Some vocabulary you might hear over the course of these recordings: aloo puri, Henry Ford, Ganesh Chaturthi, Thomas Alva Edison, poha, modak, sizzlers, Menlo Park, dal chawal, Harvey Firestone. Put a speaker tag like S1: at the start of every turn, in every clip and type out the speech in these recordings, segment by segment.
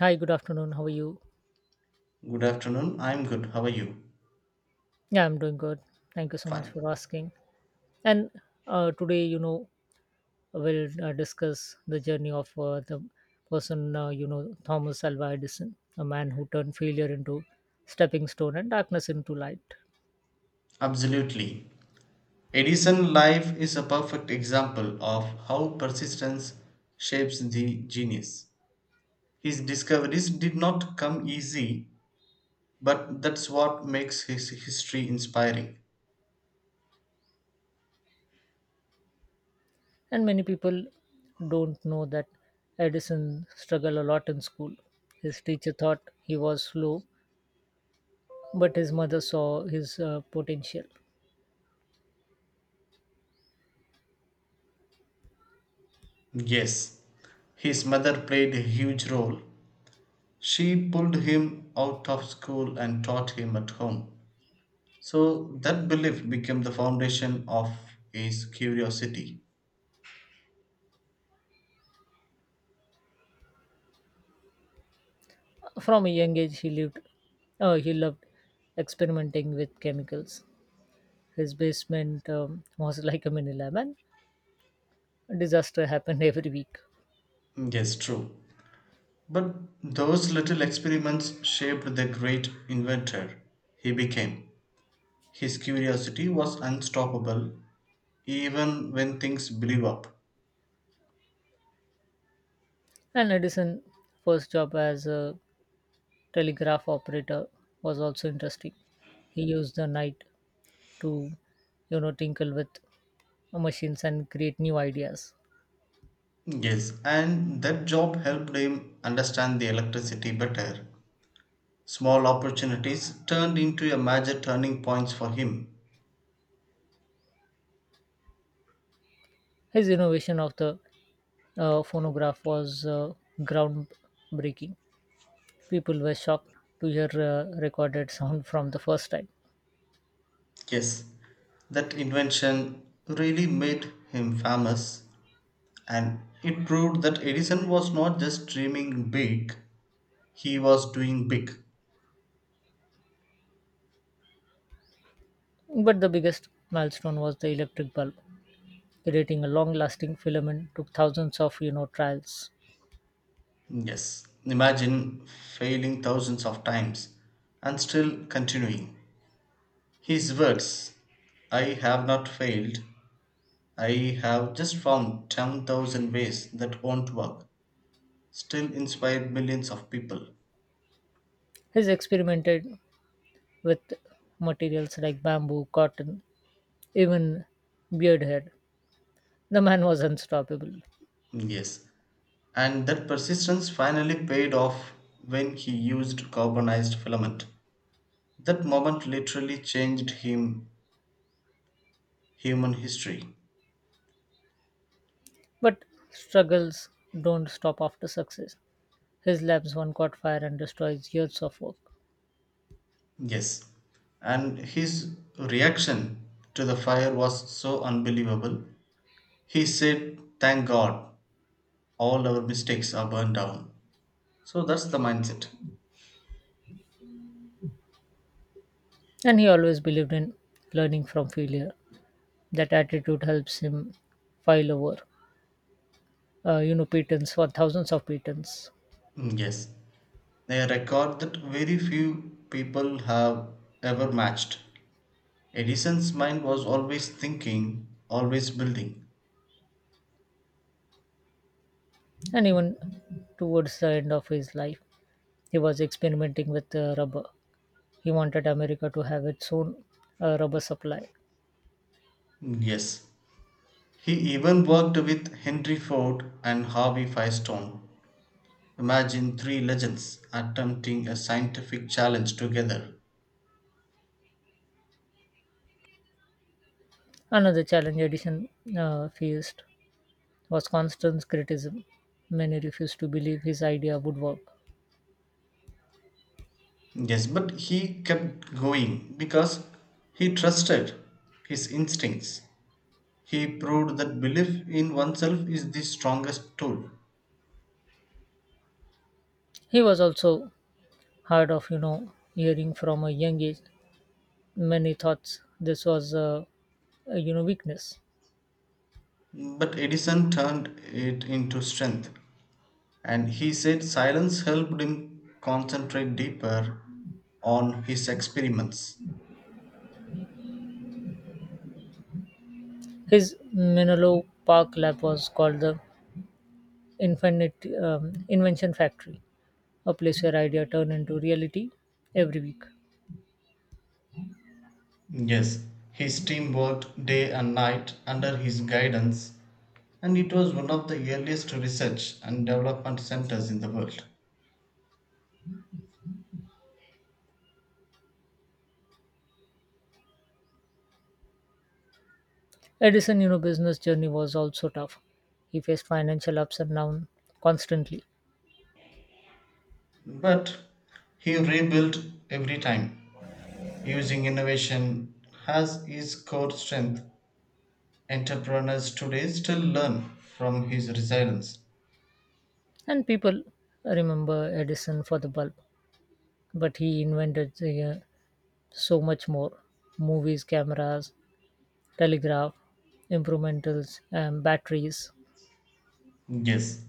S1: Hi, good afternoon. How are you?
S2: Good afternoon. I'm good. How are you?
S1: Yeah, I'm doing good. Thank you so much
S2: Fine.
S1: for asking. And today, we'll discuss the journey of the person, Thomas Alva Edison, a man who turned failure into stepping stone and darkness into light.
S2: Absolutely. Edison life is a perfect example of how persistence shapes the genius. His discoveries did not come easy, but that's what makes his history inspiring.
S1: And many people don't know that Edison struggled a lot in school. His teacher thought he was slow, but his mother saw his potential.
S2: Yes, his mother played a huge role. She pulled him out of school and taught him at home. So that belief became the foundation of his curiosity.
S1: From a young age, he lived. He loved experimenting with chemicals. His basement was like a mini lab, and disaster happened every week.
S2: Yes, true. But those little experiments shaped the great inventor he became. His curiosity was unstoppable even when things blew up.
S1: And Edison' first job as a telegraph operator was also interesting. He used the night to, tinkle with machines and create new ideas.
S2: Yes, and that job helped him understand the electricity better. Small opportunities turned into a major turning points for him.
S1: His innovation of the phonograph was groundbreaking. People were shocked to hear recorded sound from the first time.
S2: Yes, that invention really made him famous and it proved that Edison was not just dreaming big, he was doing big.
S1: But the biggest milestone was the electric bulb. Creating a long-lasting filament took thousands of trials.
S2: Yes, imagine failing thousands of times and still continuing. His words I have not failed, I have just found 10,000 ways that won't work, still inspired millions of people.
S1: He's experimented with materials like bamboo, cotton, even beard hair. The man was unstoppable.
S2: Yes, and that persistence finally paid off when he used carbonized filament. That moment literally changed him human history.
S1: But struggles don't stop after success. His labs one caught fire and destroys years of work.
S2: Yes. And his reaction to the fire was so unbelievable. He said, Thank God, all our mistakes are burned down. So that's the mindset.
S1: And he always believed in learning from failure. That attitude helps him file over, patents for thousands of patents.
S2: Mm, yes. A record that very few people have ever matched. Edison's mind was always thinking, always building.
S1: And even towards the end of his life, he was experimenting with rubber. He wanted America to have its own rubber supply.
S2: Mm, yes. He even worked with Henry Ford and Harvey Firestone. Imagine three legends attempting a scientific challenge together.
S1: Another challenge Edison faced was constant criticism. Many refused to believe his idea would work.
S2: Yes, but he kept going because he trusted his instincts. He proved that belief in oneself is the strongest tool.
S1: He was also hard of, hearing from a young age. Many thought this was a weakness.
S2: But Edison turned it into strength, and he said silence helped him concentrate deeper on his experiments.
S1: His Menlo Park lab was called the Infinite Invention Factory. A place where idea turn into reality every week.
S2: Yes, his team worked day and night under his guidance, and it was one of the earliest research and development centers in the world.
S1: Edison, business journey was also tough. He faced financial ups and downs constantly,
S2: But he rebuilt every time, using innovation as his core strength. Entrepreneurs today still learn from his resilience.
S1: and people remember Edison for the bulb. But he invented uh, so much more: movies, cameras, telegraph, improvements, and batteries.
S2: Yes,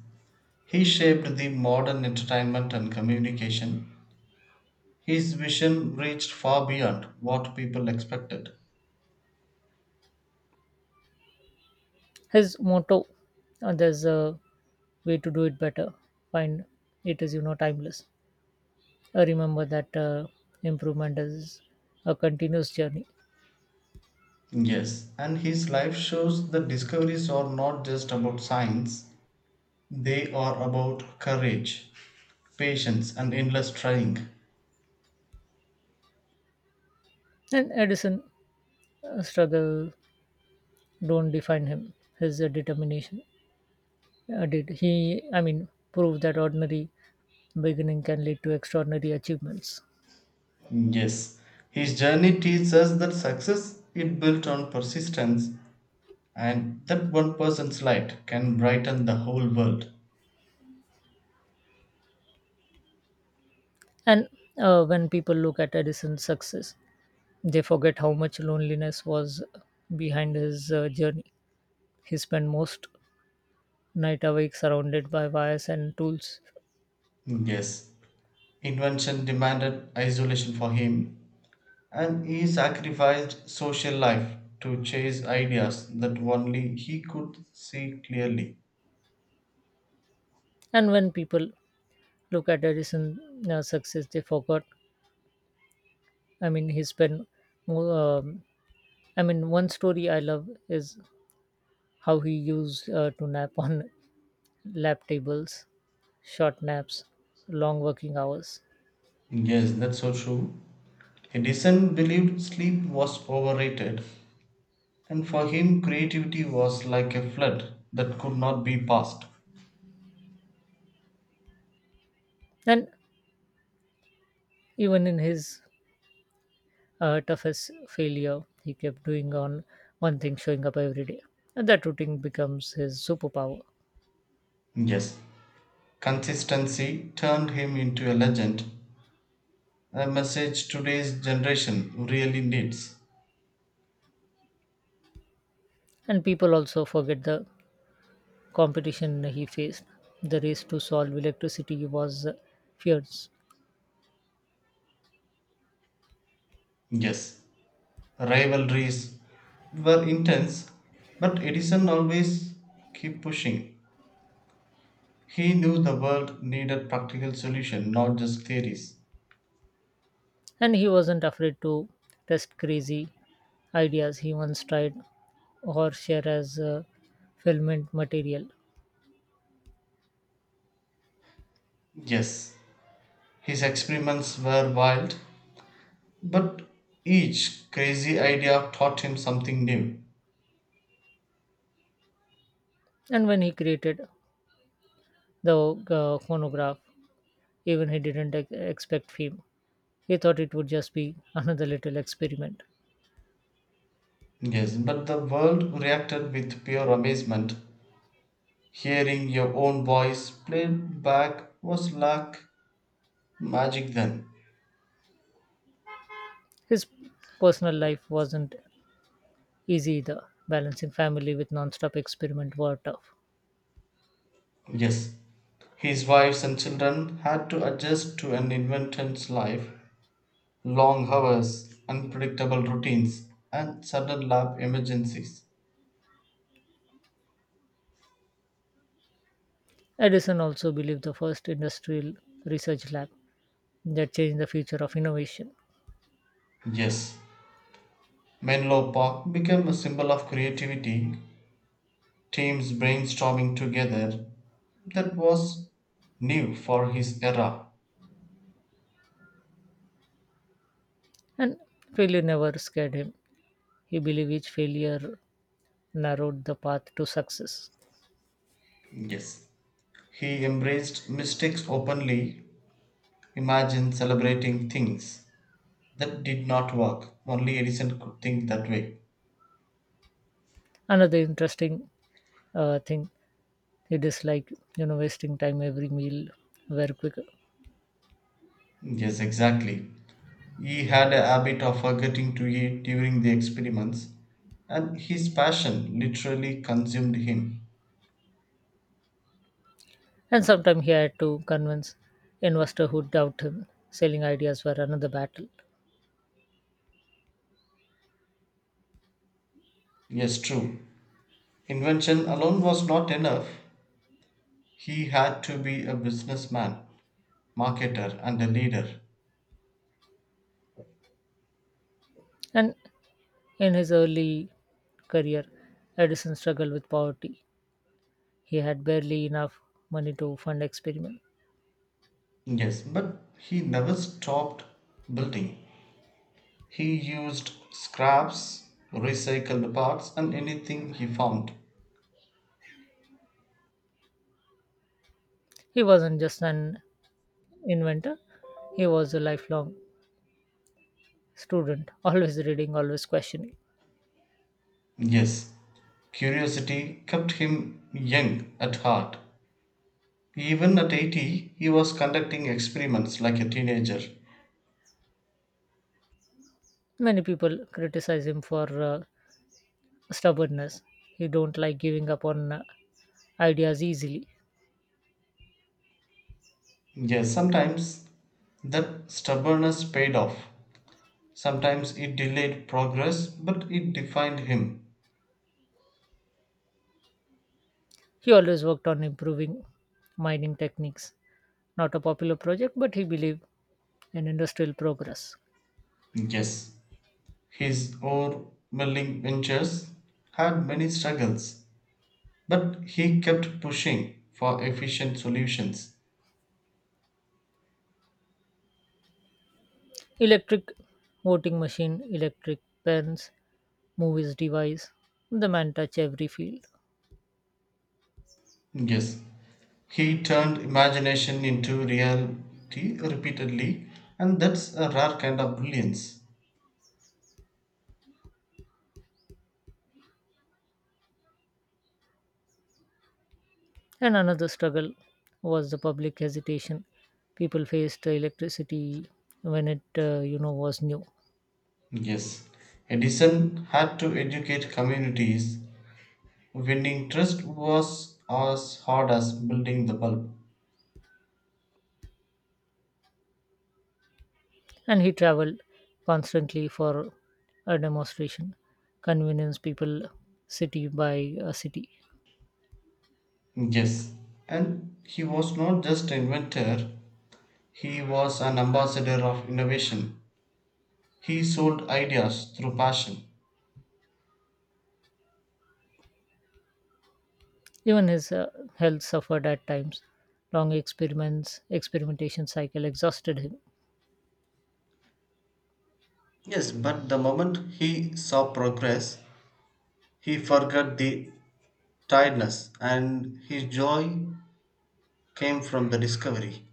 S2: he shaped the modern entertainment and communication. His vision reached far beyond what people expected.
S1: His motto: "There's a way to do it better." Find it is timeless. I remember that improvement is a continuous journey.
S2: Yes, and his life shows that discoveries are not just about science, they are about courage, patience, and endless trying.
S1: And Edison's struggle don't define him. His determination did. He proved that ordinary beginning can lead to extraordinary achievements.
S2: Yes, his journey teaches us that success is built on persistence and that one person's light can brighten the whole world.
S1: And when people look at Edison's success, they forget how much loneliness was behind his journey. He spent most night awake surrounded by wires and tools.
S2: Yes, invention demanded isolation for him and he sacrificed social life to chase ideas that only he could see clearly.
S1: And when people look at Edison's success, they forgot. He spent more. One story I love is how he used to nap on lap tables, short naps, long working hours.
S2: Yes, that's so true. Edison believed sleep was overrated, and for him, creativity was like a flood that could not be passed.
S1: And even in his toughest failure, he kept doing on one thing, showing up every day. And that routine becomes his superpower.
S2: Yes, consistency turned him into a legend, a message today's generation really needs.
S1: And people also forget the competition he faced. The race to solve electricity was fierce,
S2: Yes, rivalries were intense, but Edison always kept pushing. He knew the world needed practical solutions, not just theories.
S1: and he wasn't afraid to test crazy ideas. He once tried horsehair as filament material.
S2: Yes, his experiments were wild, but each crazy idea taught him something new.
S1: And when he created the phonograph, even he didn't expect fame. He thought it would just be another little experiment.
S2: Yes, but the world reacted with pure amazement. Hearing your own voice played back was like magic then.
S1: His personal life wasn't easy either. Balancing family with non-stop experiment were tough.
S2: Yes, his wives and children had to adjust to an infant's life, long hours, unpredictable routines, and sudden lab emergencies.
S1: Edison also believed the first industrial research lab that changed the future of innovation.
S2: Yes, Menlo Park became a symbol of creativity, teams brainstorming together. That was new for his era.
S1: And failure never scared him. He believed each failure narrowed the path to success.
S2: Yes, he embraced mistakes openly. Imagine celebrating things that did not work. Only Edison could think that way.
S1: Another interesting thing he disliked, wasting time every meal very quick.
S2: Yes, exactly. He had a habit of forgetting to eat during the experiments, and his passion literally consumed him.
S1: And sometimes he had to convince investor who doubt him. Selling ideas were another battle.
S2: Yes, true. Invention alone was not enough. He had to be a businessman, marketer, and a leader.
S1: And in his early career, Edison struggled with poverty. He had barely enough money to fund experiment.
S2: Yes, but he never stopped building. He used scraps, recycled parts, and anything he found.
S1: He wasn't just an inventor, he was a lifelong student, always reading, always questioning.
S2: Yes, curiosity kept him young at heart. Even at 80, he was conducting experiments like a teenager.
S1: Many people criticize him for stubbornness. He don't like giving up on ideas easily.
S2: Yes, sometimes that stubbornness paid off. Sometimes it delayed progress, but it defined him.
S1: He always worked on improving mining techniques. Not a popular project, but he believed in industrial progress.
S2: Yes, his overwhelming ventures had many struggles, but he kept pushing for efficient solutions.
S1: Electric voting machine, electric pens, movies device, the man touched every field.
S2: Yes, he turned imagination into reality repeatedly, and that's a rare kind of brilliance.
S1: And another struggle was the public hesitation. People faced electricity when it, was new.
S2: Yes, Edison had to educate communities. Winning trust was as hard as building the bulb.
S1: And he traveled constantly for a demonstration, convince people city by city.
S2: Yes, and he was not just an inventor, he was an ambassador of innovation. He sold ideas through passion.
S1: Even his health suffered at times. Long experiments, experimentation cycle exhausted him.
S2: Yes, but the moment he saw progress, he forgot the tiredness and his joy came from the discovery.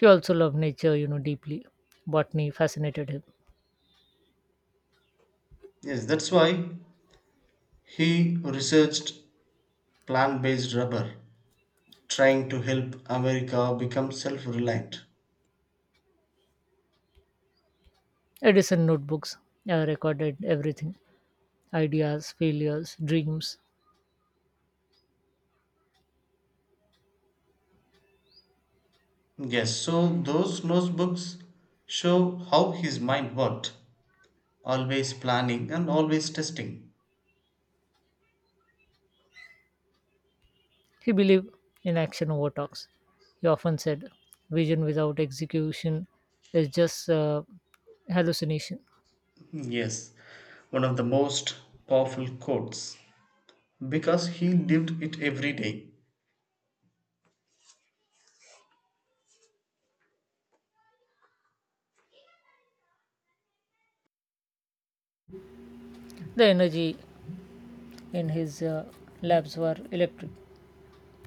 S1: He also loved nature, deeply. Botany fascinated him.
S2: Yes, that's why he researched plant-based rubber, trying to help America become self-reliant.
S1: Edison notebooks recorded everything ideas, failures, dreams.
S2: Yes, so those notebooks show how his mind worked, always planning and always testing.
S1: He believed in action over talks. He often said, vision without execution is just hallucination.
S2: Yes, one of the most powerful quotes, because he lived it every day.
S1: The energy in his labs were electric,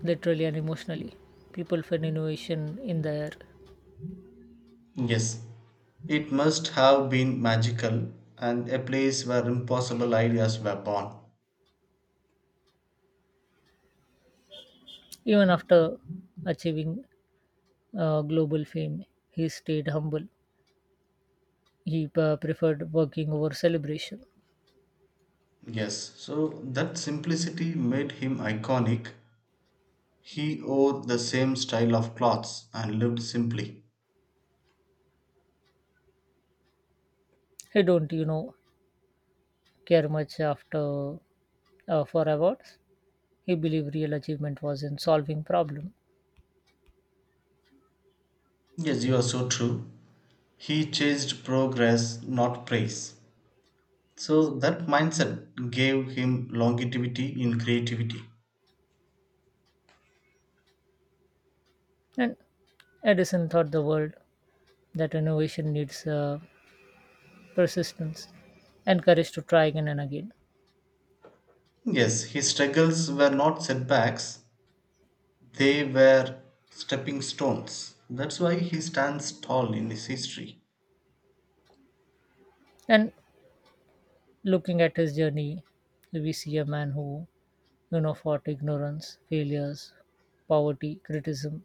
S1: literally and emotionally. People felt innovation in the air.
S2: Yes, it must have been magical, and a place where impossible ideas were born.
S1: Even after achieving global fame, he stayed humble. He preferred working over celebration.
S2: Yes, so that simplicity made him iconic. He wore the same style of clothes and lived simply.
S1: He don't, care much after for awards. He believed real achievement was in solving problem.
S2: Yes, you are so true. He chased progress, not praise. So that mindset gave him longevity in creativity.
S1: And Edison taught the world that innovation needs persistence and courage to try again and again.
S2: Yes, his struggles were not setbacks, they were stepping stones. That's why he stands tall in his history.
S1: And looking at his journey, we see a man who, fought ignorance, failures, poverty, criticism,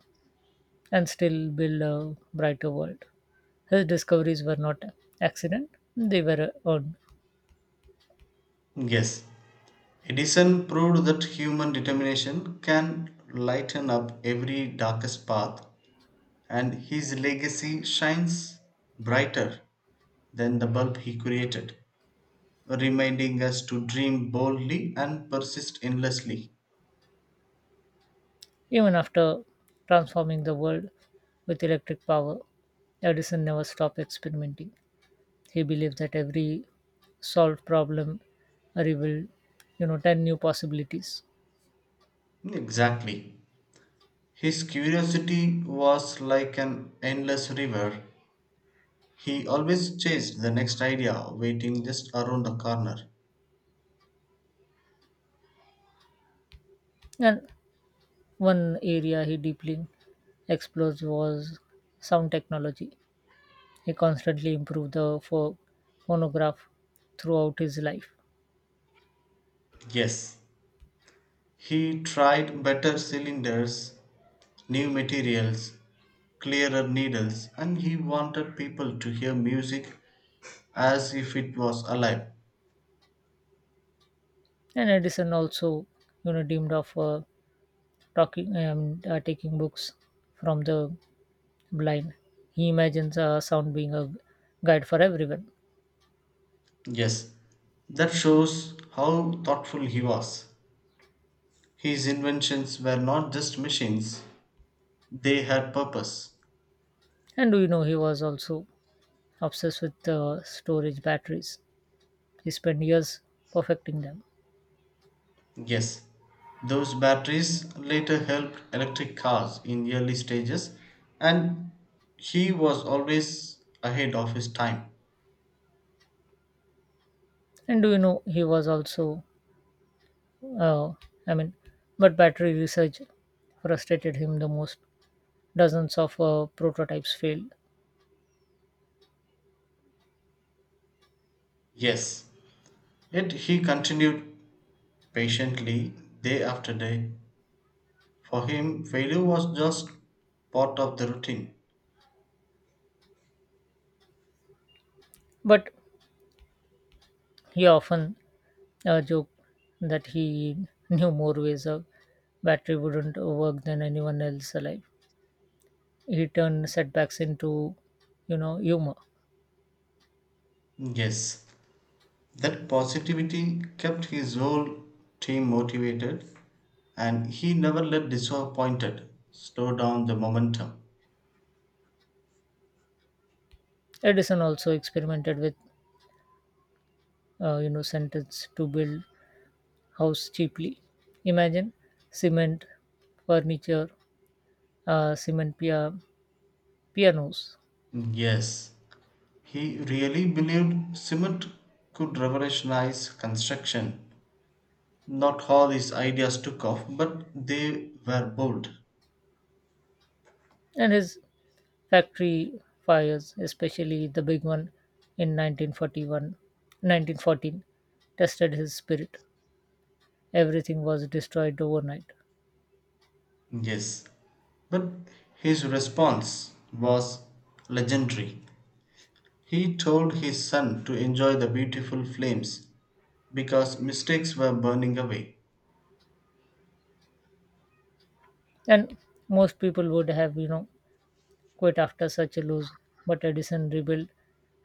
S1: and still build a brighter world. His discoveries were not accident; they were earned.
S2: Yes, Edison proved that human determination can lighten up every darkest path, and his legacy shines brighter than the bulb he created, reminding us to dream boldly and persist endlessly.
S1: Even after transforming the world with electric power, Edison never stopped experimenting. He believed that every solved problem revealed, 10 new possibilities.
S2: Exactly. His curiosity was like an endless river. He always chased the next idea waiting just around the corner.
S1: And one area he deeply explores was sound technology. He constantly improved the phonograph throughout his life.
S2: Yes, he tried better cylinders, new materials, clearer needles, and he wanted people to hear music as if it was alive.
S1: And Edison also, dreamed of talking taking books from the blind. He imagines sound being a guide for everyone.
S2: Yes, that shows how thoughtful he was. His inventions were not just machines, they had purpose.
S1: And do you know he was also obsessed with storage batteries? He spent years perfecting them.
S2: Yes, those batteries later helped electric cars in early stages, and he was always ahead of his time.
S1: And do you know he was also Uh, I mean, but battery research frustrated him the most. Dozens of prototypes failed,
S2: Yes, yet he continued patiently day after day. For him, failure was just part of the routine.
S1: but he often joked that he knew more ways a battery wouldn't work than anyone else alive. He turned setbacks into, humor.
S2: Yes, that positivity kept his whole team motivated, and he never let disappointed slow down the momentum.
S1: Edison also experimented with, sentence to build house cheaply. Imagine cement, furniture, uh, cement pia- pianos,
S2: Yes, he really believed cement could revolutionize construction. Not all his ideas took off, but they were bold.
S1: and his factory fires, especially the big one in 1914, tested his spirit. Everything was destroyed overnight.
S2: Yes, but his response was legendary. He told his son to enjoy the beautiful flames because mistakes were burning away.
S1: And most people would have, quit after such a loss, but Edison rebuilt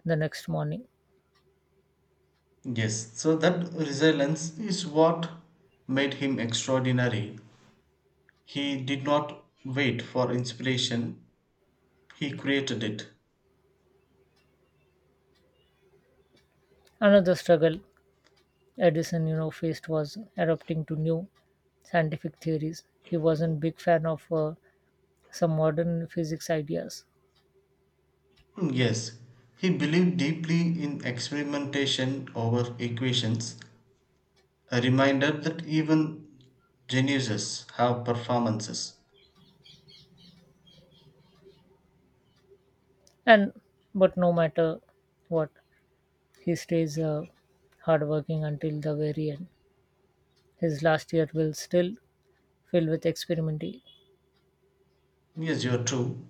S1: the next morning.
S2: Yes, so that resilience is what made him extraordinary. He did not wait for inspiration, he created it.
S1: Another struggle Edison, faced was adapting to new scientific theories. He wasn't big fan of some modern physics ideas.
S2: Hmm, yes, he believed deeply in experimentation over equations, a reminder that even geniuses have performances.
S1: And but no matter what, he stays hardworking until the very end. His last year will still filled with experimenting.
S2: Yes, you're true.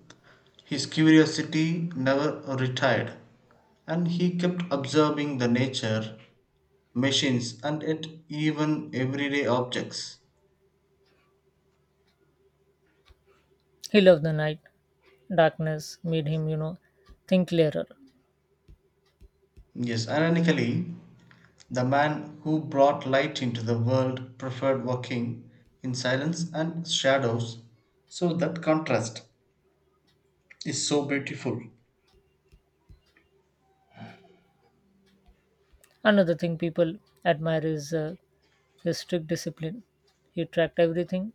S2: His curiosity never retired, and he kept observing the nature, machines, and yet even everyday objects.
S1: He loved the night. Darkness made him, think clearer.
S2: Yes, ironically, the man who brought light into the world preferred walking in silence and shadows, so that contrast is so beautiful.
S1: Another thing people admire is his strict discipline. He tracked everything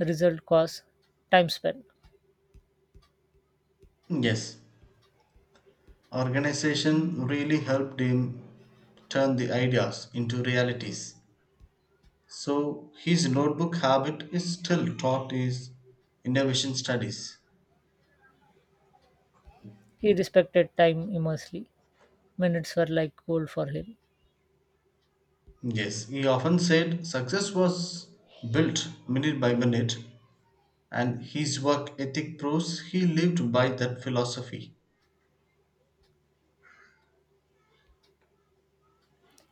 S1: result, cost, time spent.
S2: Yes, organization really helped him turn the ideas into realities. So his notebook habit is still taught his innovation studies.
S1: He respected time immensely. Minutes were like gold for him.
S2: Yes, he often said success was built minute by minute, and his work ethic proves he lived by that philosophy.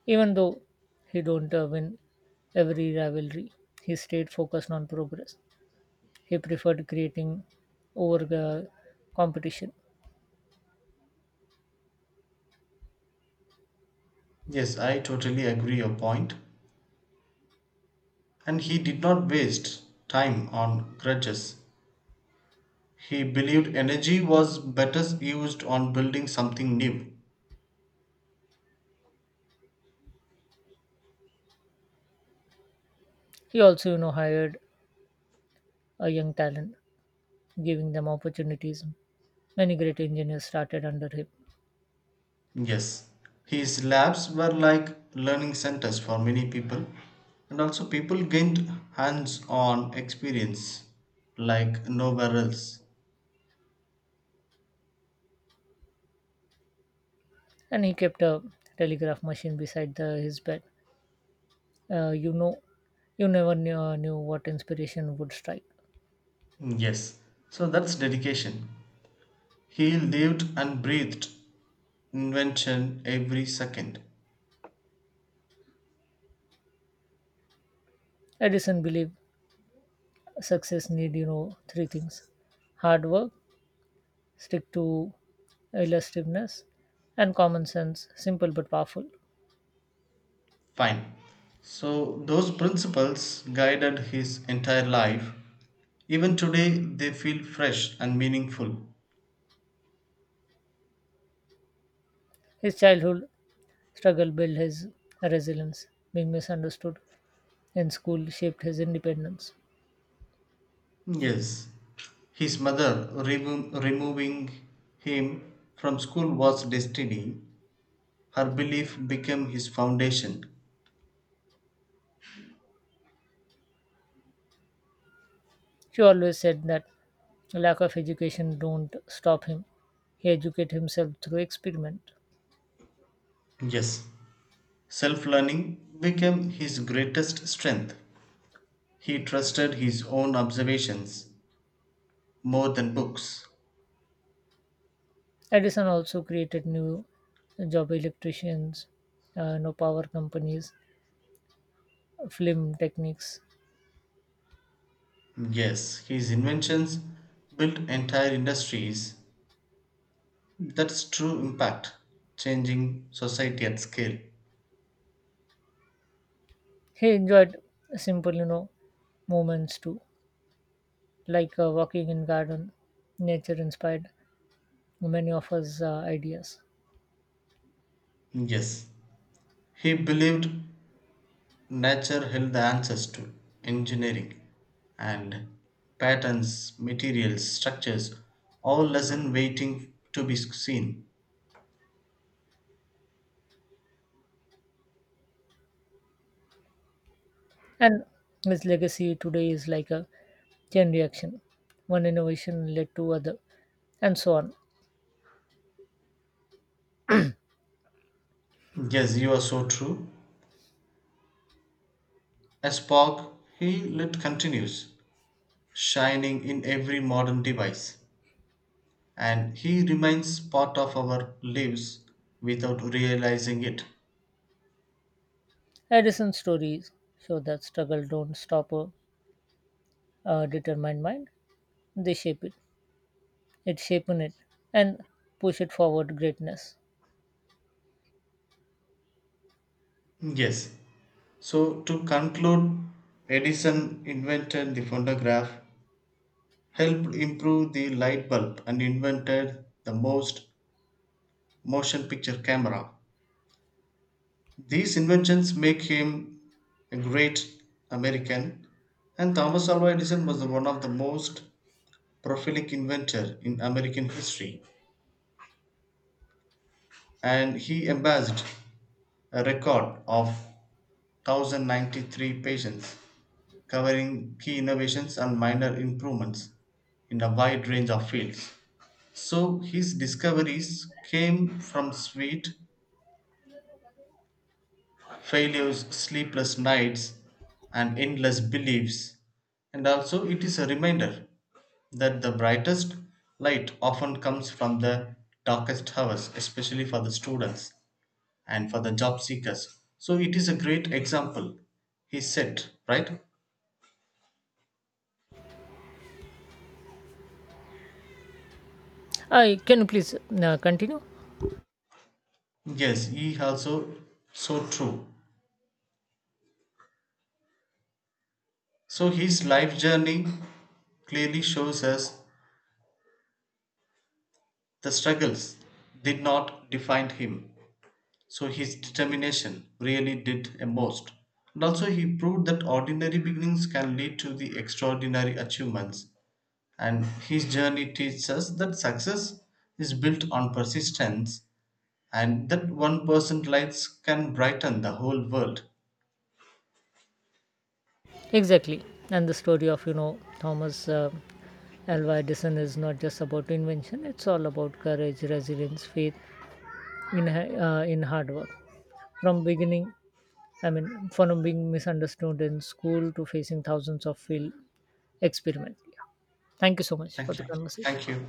S1: Even though he don't win every rivalry, he stayed focused on progress. He preferred creating over competition.
S2: Yes, I totally agree your point. And he did not waste time on grudges. He believed energy was better used on building something new.
S1: He also, hired a young talent, giving them opportunities. Many great engineers started under him,
S2: Yes, his labs were like learning centers for many people, and also people gained hands on experience like nowhere else.
S1: and he kept a telegraph machine beside the, his bed. Uh, you know, you never knew, what inspiration would strike.
S2: Yes, so that's dedication. He lived and breathed invention every second.
S1: Edison believed success need 3 things: hard work, stick to illusiveness, and common sense, simple but powerful.
S2: Fine. So, those principles guided his entire life. Even today, they feel fresh and meaningful.
S1: His childhood struggle built his resilience. Being misunderstood in school shaped his independence.
S2: Yes, his mother removing him from school was destiny. Her belief became his foundation.
S1: She always said that lack of education don't stop him. He educated himself through experiment.
S2: Yes, self learning became his greatest strength. He trusted his own observations more than books.
S1: Edison also created new job electricians, no power companies, film techniques.
S2: Yes, his inventions built entire industries. That's true impact, changing society at scale.
S1: He enjoyed simple, moments too, like walking in garden. Nature inspired many of his ideas.
S2: Yes, he believed nature held the answers to engineering, and patterns, materials, structures all lesson waiting to be seen.
S1: And his legacy today is like a chain reaction. One innovation led to other, and so on.
S2: Yes, you are so true. A spark he lit continues, shining in every modern device, and he remains part of our lives without realizing it.
S1: Edison's stories show that struggle don't stop a determined mind. They shape it. It shapes it and push it forward greatness.
S2: Yes. So to conclude, Edison invented the phonograph, helped improve the light bulb, and invented the most motion picture camera. These inventions make him a great American, and Thomas Alva Edison was the one of the most prolific inventor in American history, and he amassed a record of 1093 patents covering key innovations and minor improvements in a wide range of fields. So his discoveries came from sweet failure's sleepless nights and endless beliefs, and also it is a reminder that the brightest light often comes from the darkest hours, especially for the students and for the job seekers. So it is a great example he set right.
S1: I can you please continue?
S2: Yes, he also, so true. So his life journey clearly shows us the struggles did not define him. So his determination really did a most. And also, he proved that ordinary beginnings can lead to the extraordinary achievements. And his journey teaches us that success is built on persistence and that one person's lights can brighten the whole world.
S1: Exactly. And the story of Thomas Alva Edison is not just about invention. It's all about courage, resilience, faith in in hard work. From beginning I mean, From being misunderstood in school to facing thousands of field experiment. Yeah. Thank you so much for
S2: Thank
S1: the
S2: you.
S1: conversation.
S2: Thank you.